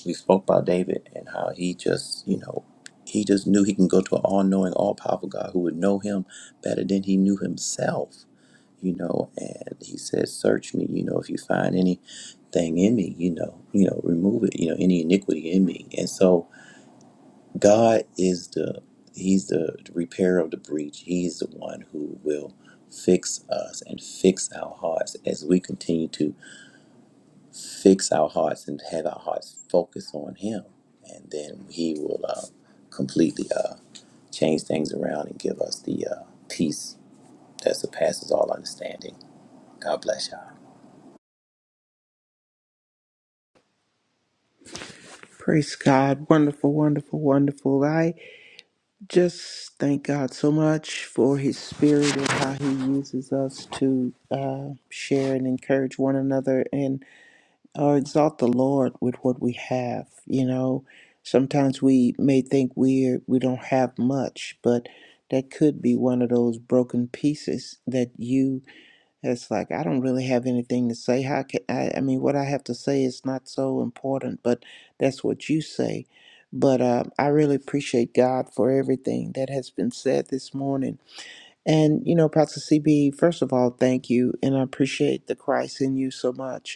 we spoke about David and how he just, you know, he just knew he can go to an all-knowing, all-powerful God who would know him better than he knew himself. You know, and he said, "Search me. You know, if you find anything in me, you know, you know, remove it. You know, any iniquity in me." And so God is the He's the repairer of the breach. He's the one who will fix us and fix our hearts as we continue to fix our hearts and have our hearts focus on Him, and then He will uh, completely uh, change things around and give us the uh, peace that surpasses all understanding. God bless y'all. Praise God, wonderful, wonderful, wonderful. I just thank God so much for His Spirit and how He uses us to uh, share and encourage one another. or exalt the Lord with what we have. You know, sometimes we may think we're we don't have much, but that could be one of those broken pieces that you. It's like I don't really have anything to say. How can I? I mean, what I have to say is not so important, but that's what you say. But uh, I really appreciate God for everything that has been said this morning. And, you know, Pastor CB, first of all, thank you. And I appreciate the Christ in you so much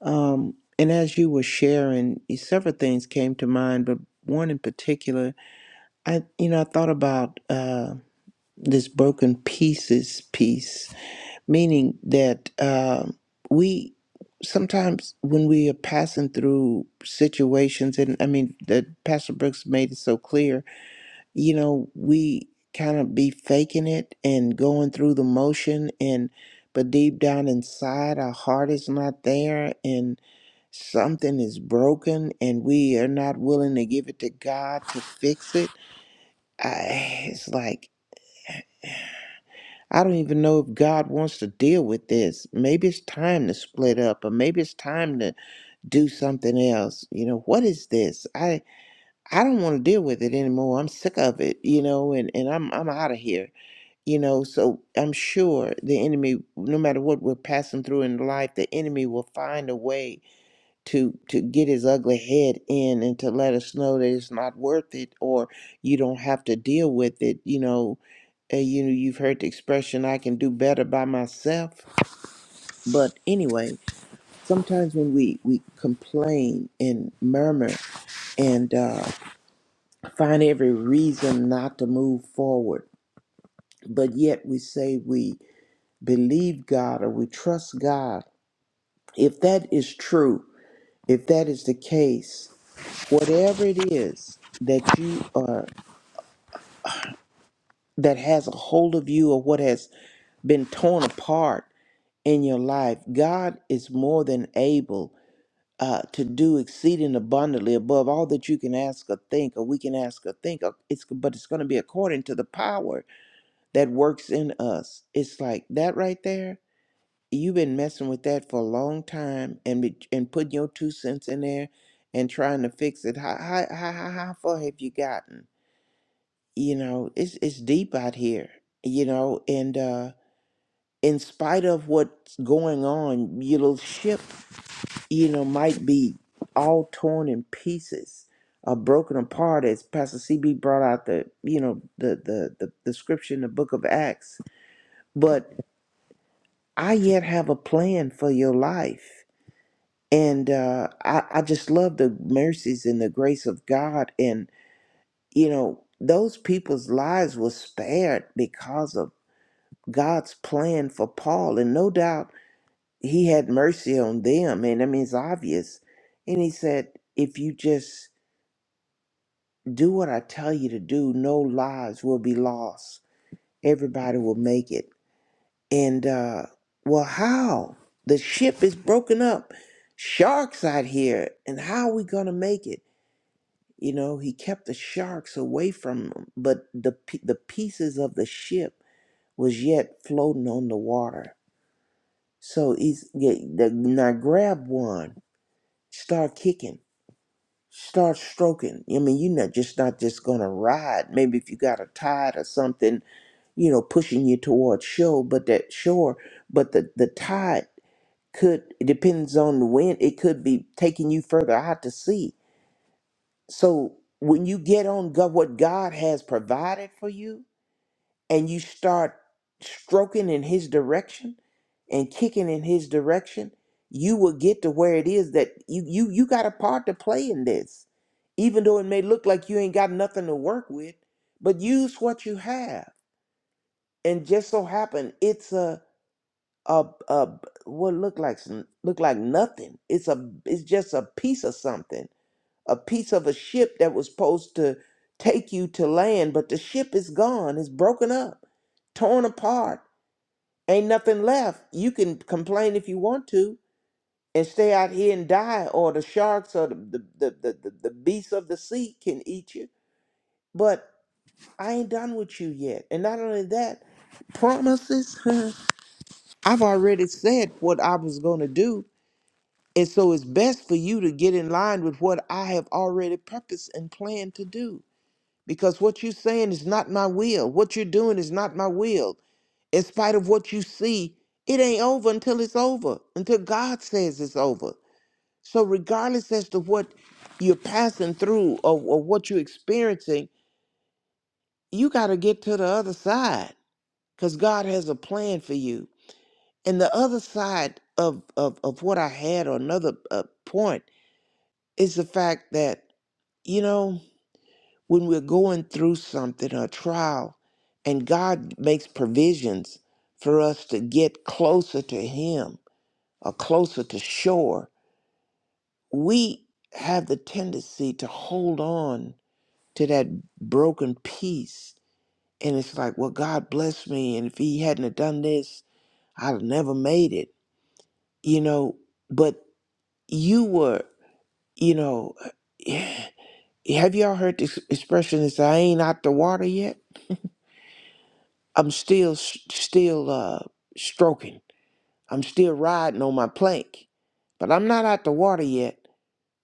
um, and as you were sharing, several things came to mind, but one in particular, I you know I thought about uh, this broken pieces piece, meaning that uh, we sometimes when we are passing through situations, and I mean that Pastor Brooks made it so clear, you know, we kind of be faking it and going through the motion and but deep down inside our heart is not there and something is broken and we are not willing to give it to God to fix it, I, it's like, I don't even know if God wants to deal with this. Maybe it's time to split up or maybe it's time to do something else. You know, what is this? I I don't want to deal with it anymore. I'm sick of it, you know, and, and I'm I'm out of here. You know, so I'm sure the enemy, no matter what we're passing through in life, the enemy will find a way to to get his ugly head in and to let us know that it's not worth it or you don't have to deal with it you know uh, you know you've heard the expression i can do better by myself but anyway sometimes when we we complain and murmur and uh, find every reason not to move forward but yet we say we believe god or we trust god if that is true if that is the case whatever it is that you are that has a hold of you or what has been torn apart in your life god is more than able uh, to do exceeding abundantly above all that you can ask or think or we can ask or think of. it's but it's going to be according to the power that works in us it's like that right there you've been messing with that for a long time and be, and putting your two cents in there and trying to fix it how, how, how, how how far have you gotten you know it's it's deep out here you know and uh in spite of what's going on your little ship you know might be all torn in pieces or broken apart as pastor cb brought out the you know the the the, the scripture in the book of acts but i yet have a plan for your life and uh i i just love the mercies and the grace of god and you know those people's lives were spared because of God's plan for Paul, and no doubt he had mercy on them, and I mean it's obvious. And he said, if you just do what I tell you to do, no lives will be lost. Everybody will make it. And uh well how? The ship is broken up. Sharks out here, and how are we gonna make it? You know, he kept the sharks away from them, but the pe- the pieces of the ship was yet floating on the water So he's get the, now grab one, start kicking, start stroking. I mean, you're not just not just gonna ride. Maybe if you got a tide or something, you know, pushing you towards shore, but that shore, but the the tide could it depends on the wind. It could be taking you further out to sea. So when you get on God, what God has provided for you, and you start stroking in his direction and kicking in his direction, you will get to where it is that you you you got a part to play in this. Even though it may look like you ain't got nothing to work with, but use what you have. And just so happen it's a a a what look like some- look like nothing. It's a it's just a piece of something, a piece of a ship that was supposed to take you to land, but the ship is gone. It's broken up, torn apart Ain't nothing left. You can complain if you want to and stay out here and die, or the sharks or the, the, the, the, the, the beasts of the sea can eat you. But I ain't done with you yet. And not only that, promises, <laughs> huh, I've already said what I was going to do. And so it's best for you to get in line with what I have already purposed and planned to do. Because what you're saying is not my will. What you're doing is not my will. in spite of what you see, it ain't over until it's over, until God says it's over. So, regardless as to what you're passing through or, or what you're experiencing, you got to get to the other side because God has a plan for you. And the other side of, of, of what I had, or another uh, point, is the fact that, you know, when we're going through something, a trial, and God makes provisions for us to get closer to Him or closer to shore, we have the tendency to hold on to that broken piece. And it's like, well, God bless me. And if He hadn't have done this, I'd have never made it, you know. But you were, you know, <sighs> have y'all heard this expression? Is I ain't out the water yet. I'm still, still uh, stroking. I'm still riding on my plank, but I'm not out the water yet.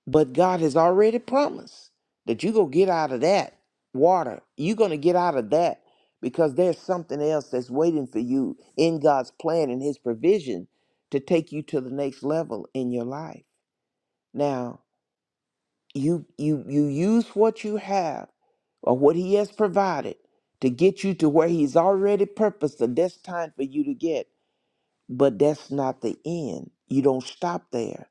But God has already promised that you're going to get out of that water. You're going to get out of that because there's something else that's waiting for you in God's plan and His provision to take you to the next level in your life. Now, you you you use what you have or what he has provided to get you to where he's already purposed the destined for you to get but that's not the end you don't stop there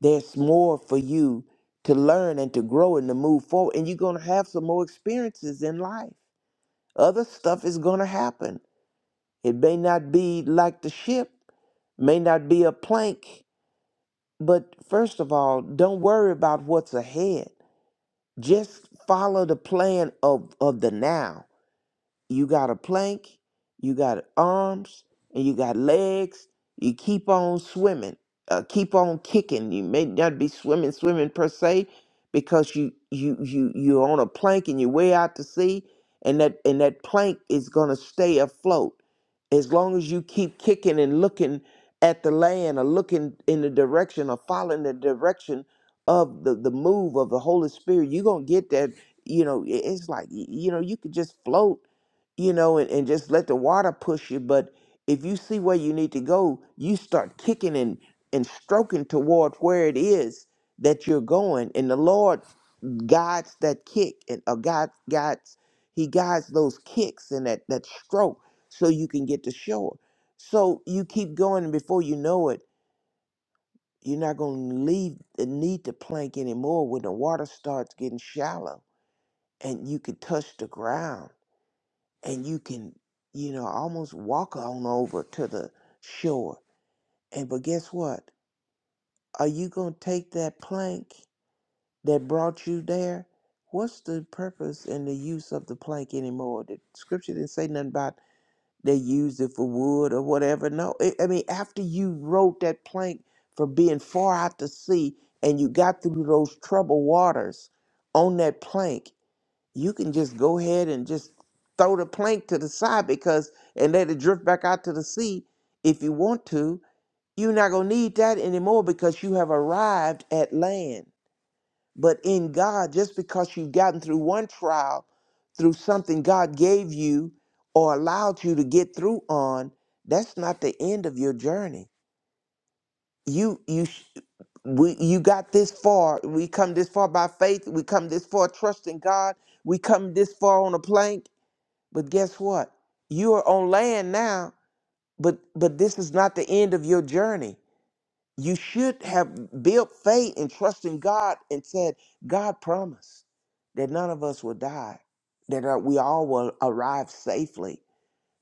there's more for you to learn and to grow and to move forward. And you're going to have some more experiences in life. Other stuff is going to happen. It may not be like the ship, may not be a plank, but first of all, don't worry about what's ahead. Just follow the plan of, of the now You got a plank, you got arms, and you got legs. You keep on swimming, uh, keep on kicking. You may not be swimming, swimming per se, because you you you you're on a plank and you're way out to sea, and that and that plank is gonna stay afloat as long as you keep kicking and looking at the land or looking in the direction or following the direction of the, the move of the Holy Spirit, you're gonna get that, you know, i- it's like y- you know, you could just float you know, and, and just let the water push you. But if you see where you need to go, you start kicking and, and stroking toward where it is that you're going. And the Lord guides that kick and uh, God guides He guides those kicks and that, that stroke so you can get to shore. So you keep going and before you know it, you're not gonna leave the need to plank anymore when the water starts getting shallow and you can touch the ground and you can, you know, almost walk on over to the shore. And but guess what? Are you gonna take that plank that brought you there? What's the purpose and the use of the plank anymore? The scripture didn't say nothing about they used it for wood or whatever. No, it, I mean after you rode that plank for being far out to sea and you got through those troubled waters on that plank, you can just go ahead and just throw the plank to the side because and let it drift back out to the sea if you want to you're not going to need that anymore because you have arrived at land but in god just because you've gotten through one trial through something god gave you or allowed you to get through on that's not the end of your journey you you sh- we you got this far we come this far by faith we come this far trusting god we come this far on a plank but guess what? You are on land now, but but this is not the end of your journey. You should have built faith and trust in God and said, God promised that none of us will die, that uh, we all will arrive safely.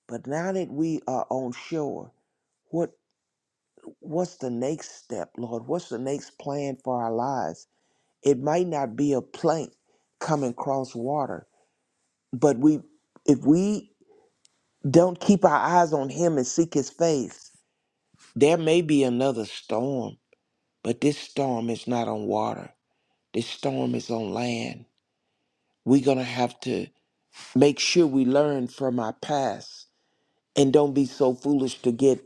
But now that we are on shore, what what's the next step, Lord? What's the next plan for our lives? It might not be a plank coming across water, but we if we Don't keep our eyes on him and seek his face. There may be another storm, but this storm is not on water. This storm is on land. We're going to have to make sure we learn from our past and don't be so foolish to get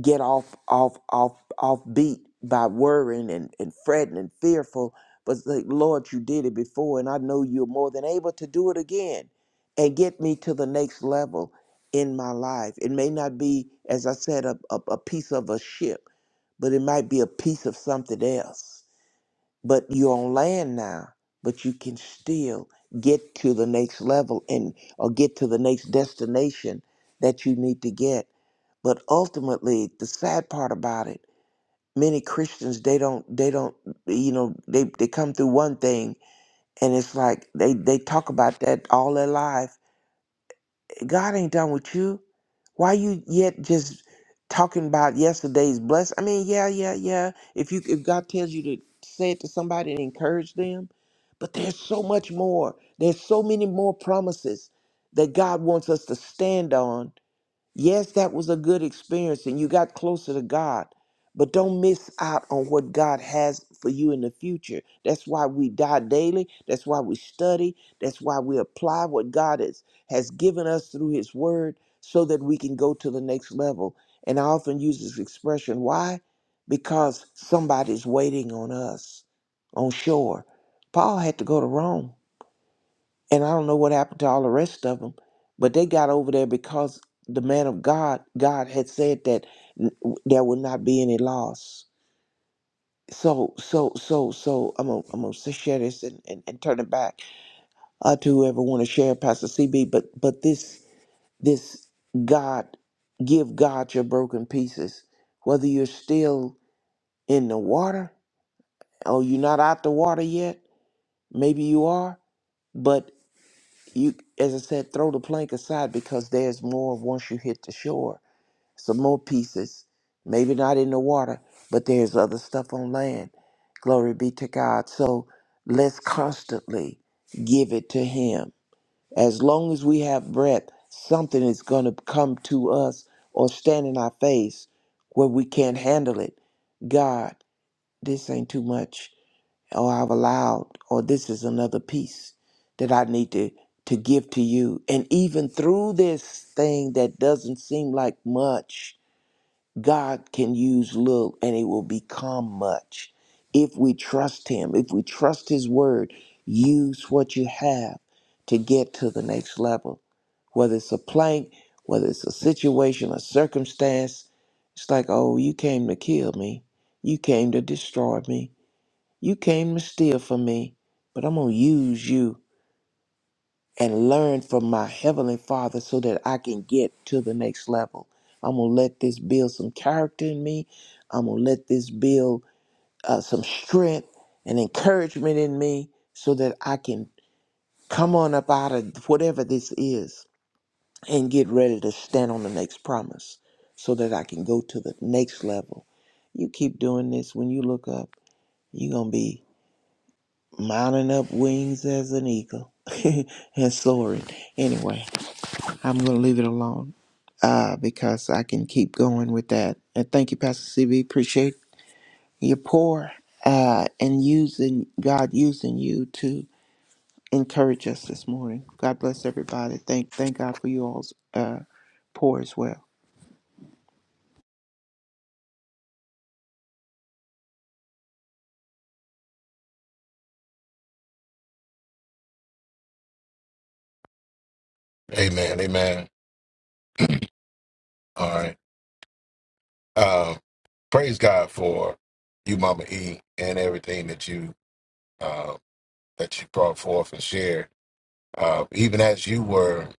get off off off off beat by worrying and, and fretting and fearful but it's like lord you did it before and i know you're more than able to do it again and get me to the next level in my life it may not be as i said a, a, a piece of a ship but it might be a piece of something else but you're on land now but you can still get to the next level and or get to the next destination that you need to get but ultimately the sad part about it many christians they don't they don't you know they, they come through one thing and it's like they they talk about that all their life god ain't done with you why you yet just talking about yesterday's bless i mean yeah yeah yeah if you if god tells you to say it to somebody and encourage them but there's so much more there's so many more promises that god wants us to stand on Yes, that was a good experience and you got closer to God, but don't miss out on what God has for you in the future. That's why we die daily. That's why we study. That's why we apply what God has, has given us through His Word so that we can go to the next level. And I often use this expression why? Because somebody's waiting on us on shore. Paul had to go to Rome and I don't know what happened to all the rest of them, but they got over there because the man of God, God had said that n- there would not be any loss. So, so, so, so, I'm gonna, I'm gonna s- share this and, and, and turn it back uh, to whoever want to share, Pastor CB. But, but this, this God, give God your broken pieces. Whether you're still in the water or you're not out the water yet, maybe you are, you as I said, throw the plank aside because there's more once you hit the shore. Some more pieces. Maybe not in the water, but there's other stuff on land. Glory be to God. So let's constantly give it to him. As long as we have breath, something is gonna come to us or stand in our face where we can't handle it. God, this ain't too much or I've allowed, or this is another piece that I need to, to give to you. And even through this thing that doesn't seem like much, God can use little and it will become much. If we trust Him, if we trust His word, use what you have to get to the next level. Whether it's a plank, whether it's a situation, a circumstance, it's like, oh, you came to kill me. You came to destroy me you came to steal from me, but I'm going to use you and learn from my Heavenly Father so that I can get to the next level. I'm going to let this build some character in me. I'm going to let this build uh, some strength and encouragement in me so that I can come on up out of whatever this is and get ready to stand on the next promise so that I can go to the next level. You keep doing this when you look up, you're going to be mounting up wings as an eagle <laughs> and soaring. Anyway, I'm going to leave it alone uh, because I can keep going with that. And thank you, Pastor CB. Appreciate your pour uh, and using God using you to encourage us this morning. God bless everybody. Thank thank God for you all's uh, pour as well. Amen. Amen. All right. Uh, praise God for you, Mama E, and everything that you uh, that you brought forth and shared. Uh, even as you were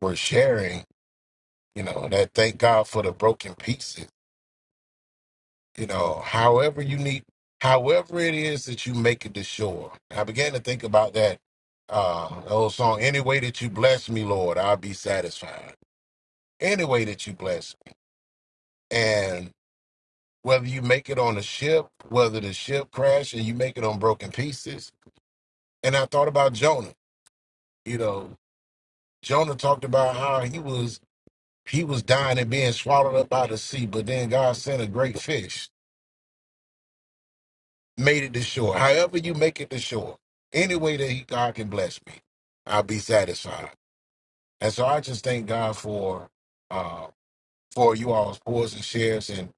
were sharing, you know, that thank God for the broken pieces. you know, however you need, however it is that you make it to shore. I began to think about that uh old song, Any Way That You Bless Me, Lord, I'll Be Satisfied. Any way that you bless me. And whether you make it on a ship, whether the ship crashed and you make it on broken pieces. And I thought about Jonah. You know, Jonah talked about how he was he was dying and being swallowed up by the sea, but then God sent a great fish made it to shore. However you make it to shore, any way that he, God can bless me, I'll be satisfied. And so I just thank God for uh, for you all's pours and shares and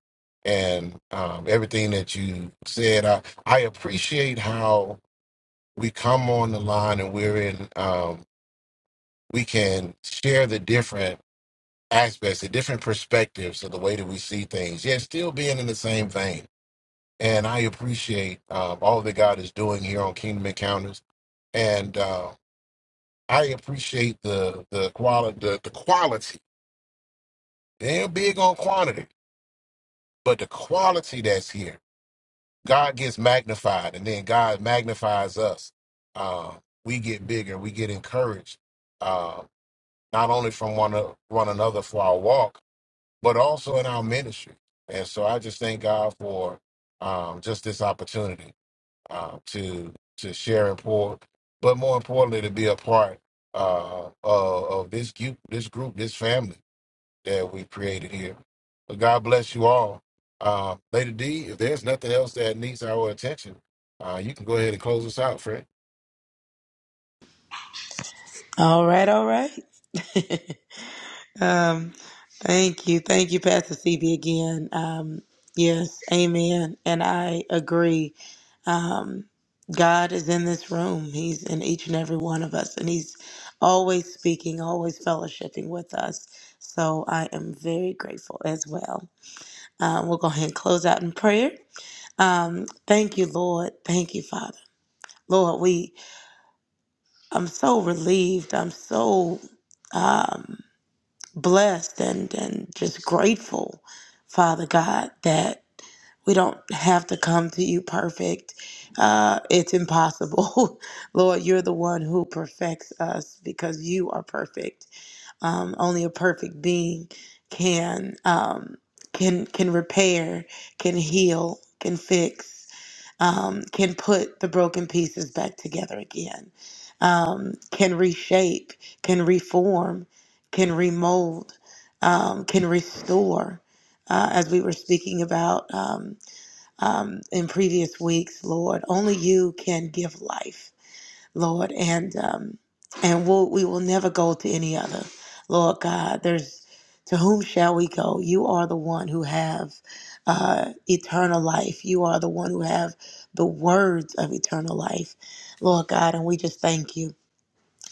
and um, everything that you said. I I appreciate how we come on the line and we're in. Um, we can share the different aspects, the different perspectives of the way that we see things. Yet still being in the same vein. and I appreciate um, all that God is doing here on Kingdom Encounters, and uh, I appreciate the the quality the, the quality. They ain't big on quantity, but the quality that's here. God gets magnified, and then God magnifies us. Uh, we get bigger. We get encouraged, uh, not only from one o- one another for our walk, but also in our ministry. And so I just thank God for um, just this opportunity. uh, to to share and pour, but more importantly, to be a part uh, of, of this group, this group, this family that we created here. But God bless you all, uh, Lady D. If there's nothing else that needs our attention, uh, you can go ahead and close us out, Fred. All right, all right. <laughs> um, thank you. Thank you, Pastor CB, again. Um, yes, amen. And I agree Um, God is in this room. He's in each and every one of us, and He's always speaking, always fellowshipping with us. So I am very grateful as well. Uh, we'll go ahead and close out in prayer. Um, thank you, Lord. Thank you, Father. Lord, we I'm so relieved. I'm so um, blessed and and just grateful, Father God, that. We don't have to come to you perfect. Uh, it's impossible. <laughs> Lord, you're the one who perfects us because you are perfect. Um, only a perfect being can um, can can repair, can heal, can fix, um, can put the broken pieces back together again, um, can reshape, can reform, can remold, um, can restore. Uh, as we were speaking about. Um, um, in previous weeks, Lord. Only you can give life, Lord, and um, and we'll, we will never go to any other, Lord God. There's to whom shall we go? You are the one who have uh, eternal life. You are the one who have the words of eternal life, Lord God, and we just thank you.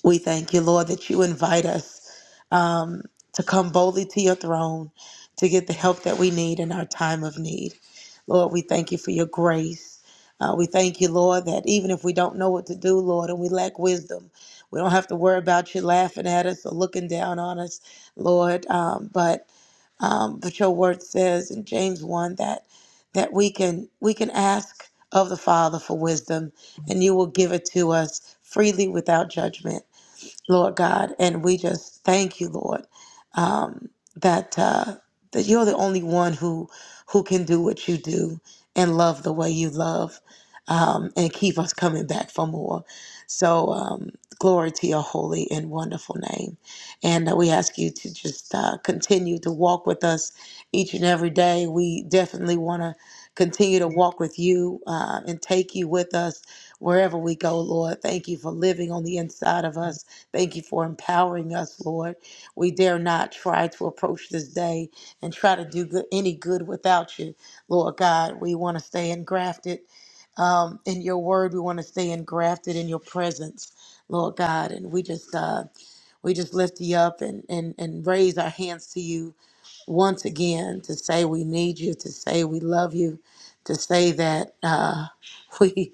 We thank you, Lord, that you invite us um, to come boldly to your throne to get the help that we need in our time of need. Lord, we thank you for your grace. Uh, we thank you, Lord, that even if we don't know what to do, Lord, and we lack wisdom, we don't have to worry about you laughing at us or looking down on us, Lord. Um, but um, but your word says in James one that that we can we can ask of the Father for wisdom, and you will give it to us freely without judgment. Lord God. And we just thank you, Lord, um, that uh, that you're the only one who who can do what you do and love the way you love, um, and keep us coming back for more. So um, glory to your holy and wonderful name, and uh, we ask you to just uh, continue to walk with us each and every day. We definitely want to continue to walk with you uh, and take you with us wherever we go, Lord. Thank you for living on the inside of us. Thank you for empowering us, Lord. We dare not try to approach this day and try to do good, any good without you, Lord God. We want to stay engrafted um, in your word. We want to stay engrafted in your presence, Lord God. And we just uh, we just lift you up and, and and raise our hands to you once again to say we need you, to say we love you, to say that uh, <laughs> we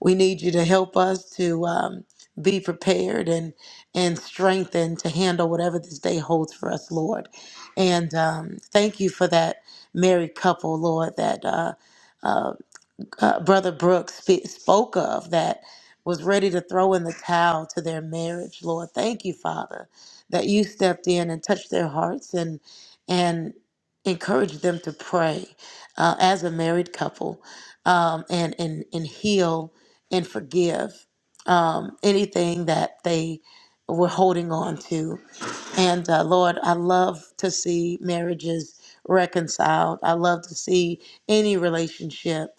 we need you to help us to um, be prepared and and strengthened to handle whatever this day holds for us, Lord. And um, thank you for that married couple, Lord, that. uh, uh, Brother Brooks spe- spoke of that was ready to throw in the towel to their marriage, Lord. Thank you, Father, that you stepped in and touched their hearts and and encouraged them to pray uh, as a married couple um, and and and heal and forgive um, anything that they were holding on to. And uh, Lord, I love to see marriages reconciled. I love to see any relationship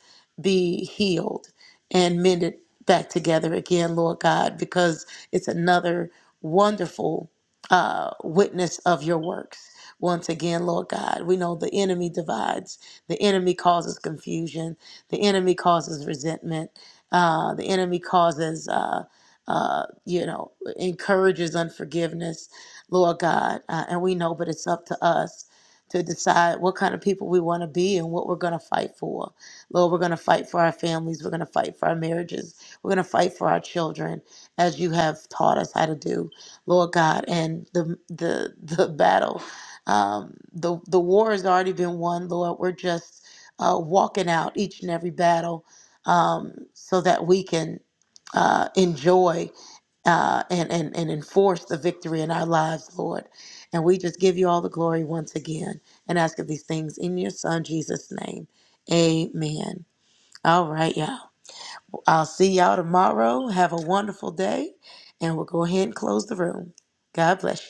be healed and mended back together again, Lord God, because it's another wonderful uh, witness of your works. Once again, Lord God, we know the enemy divides, the enemy causes confusion, the enemy causes resentment, uh, the enemy causes, uh, uh, you know, encourages unforgiveness Lord God. Uh, and we know, but it's up to us to decide what kind of people we want to be and what we're going to fight for. Lord, we're going to fight for our families. We're going to fight for our marriages. We're going to fight for our children as you have taught us how to do, Lord God. And the, the, <laughs> the battle, um, the, the war has already been won, Lord. We're just uh, walking out each and every battle um, so that we can uh, enjoy uh, and, and, and enforce the victory in our lives, Lord. And we just give you all the glory once again and ask of these things in your Son, Jesus' name. Amen. All right, y'all. I'll see y'all tomorrow. Have a wonderful day. And we'll go ahead and close the room. God bless you.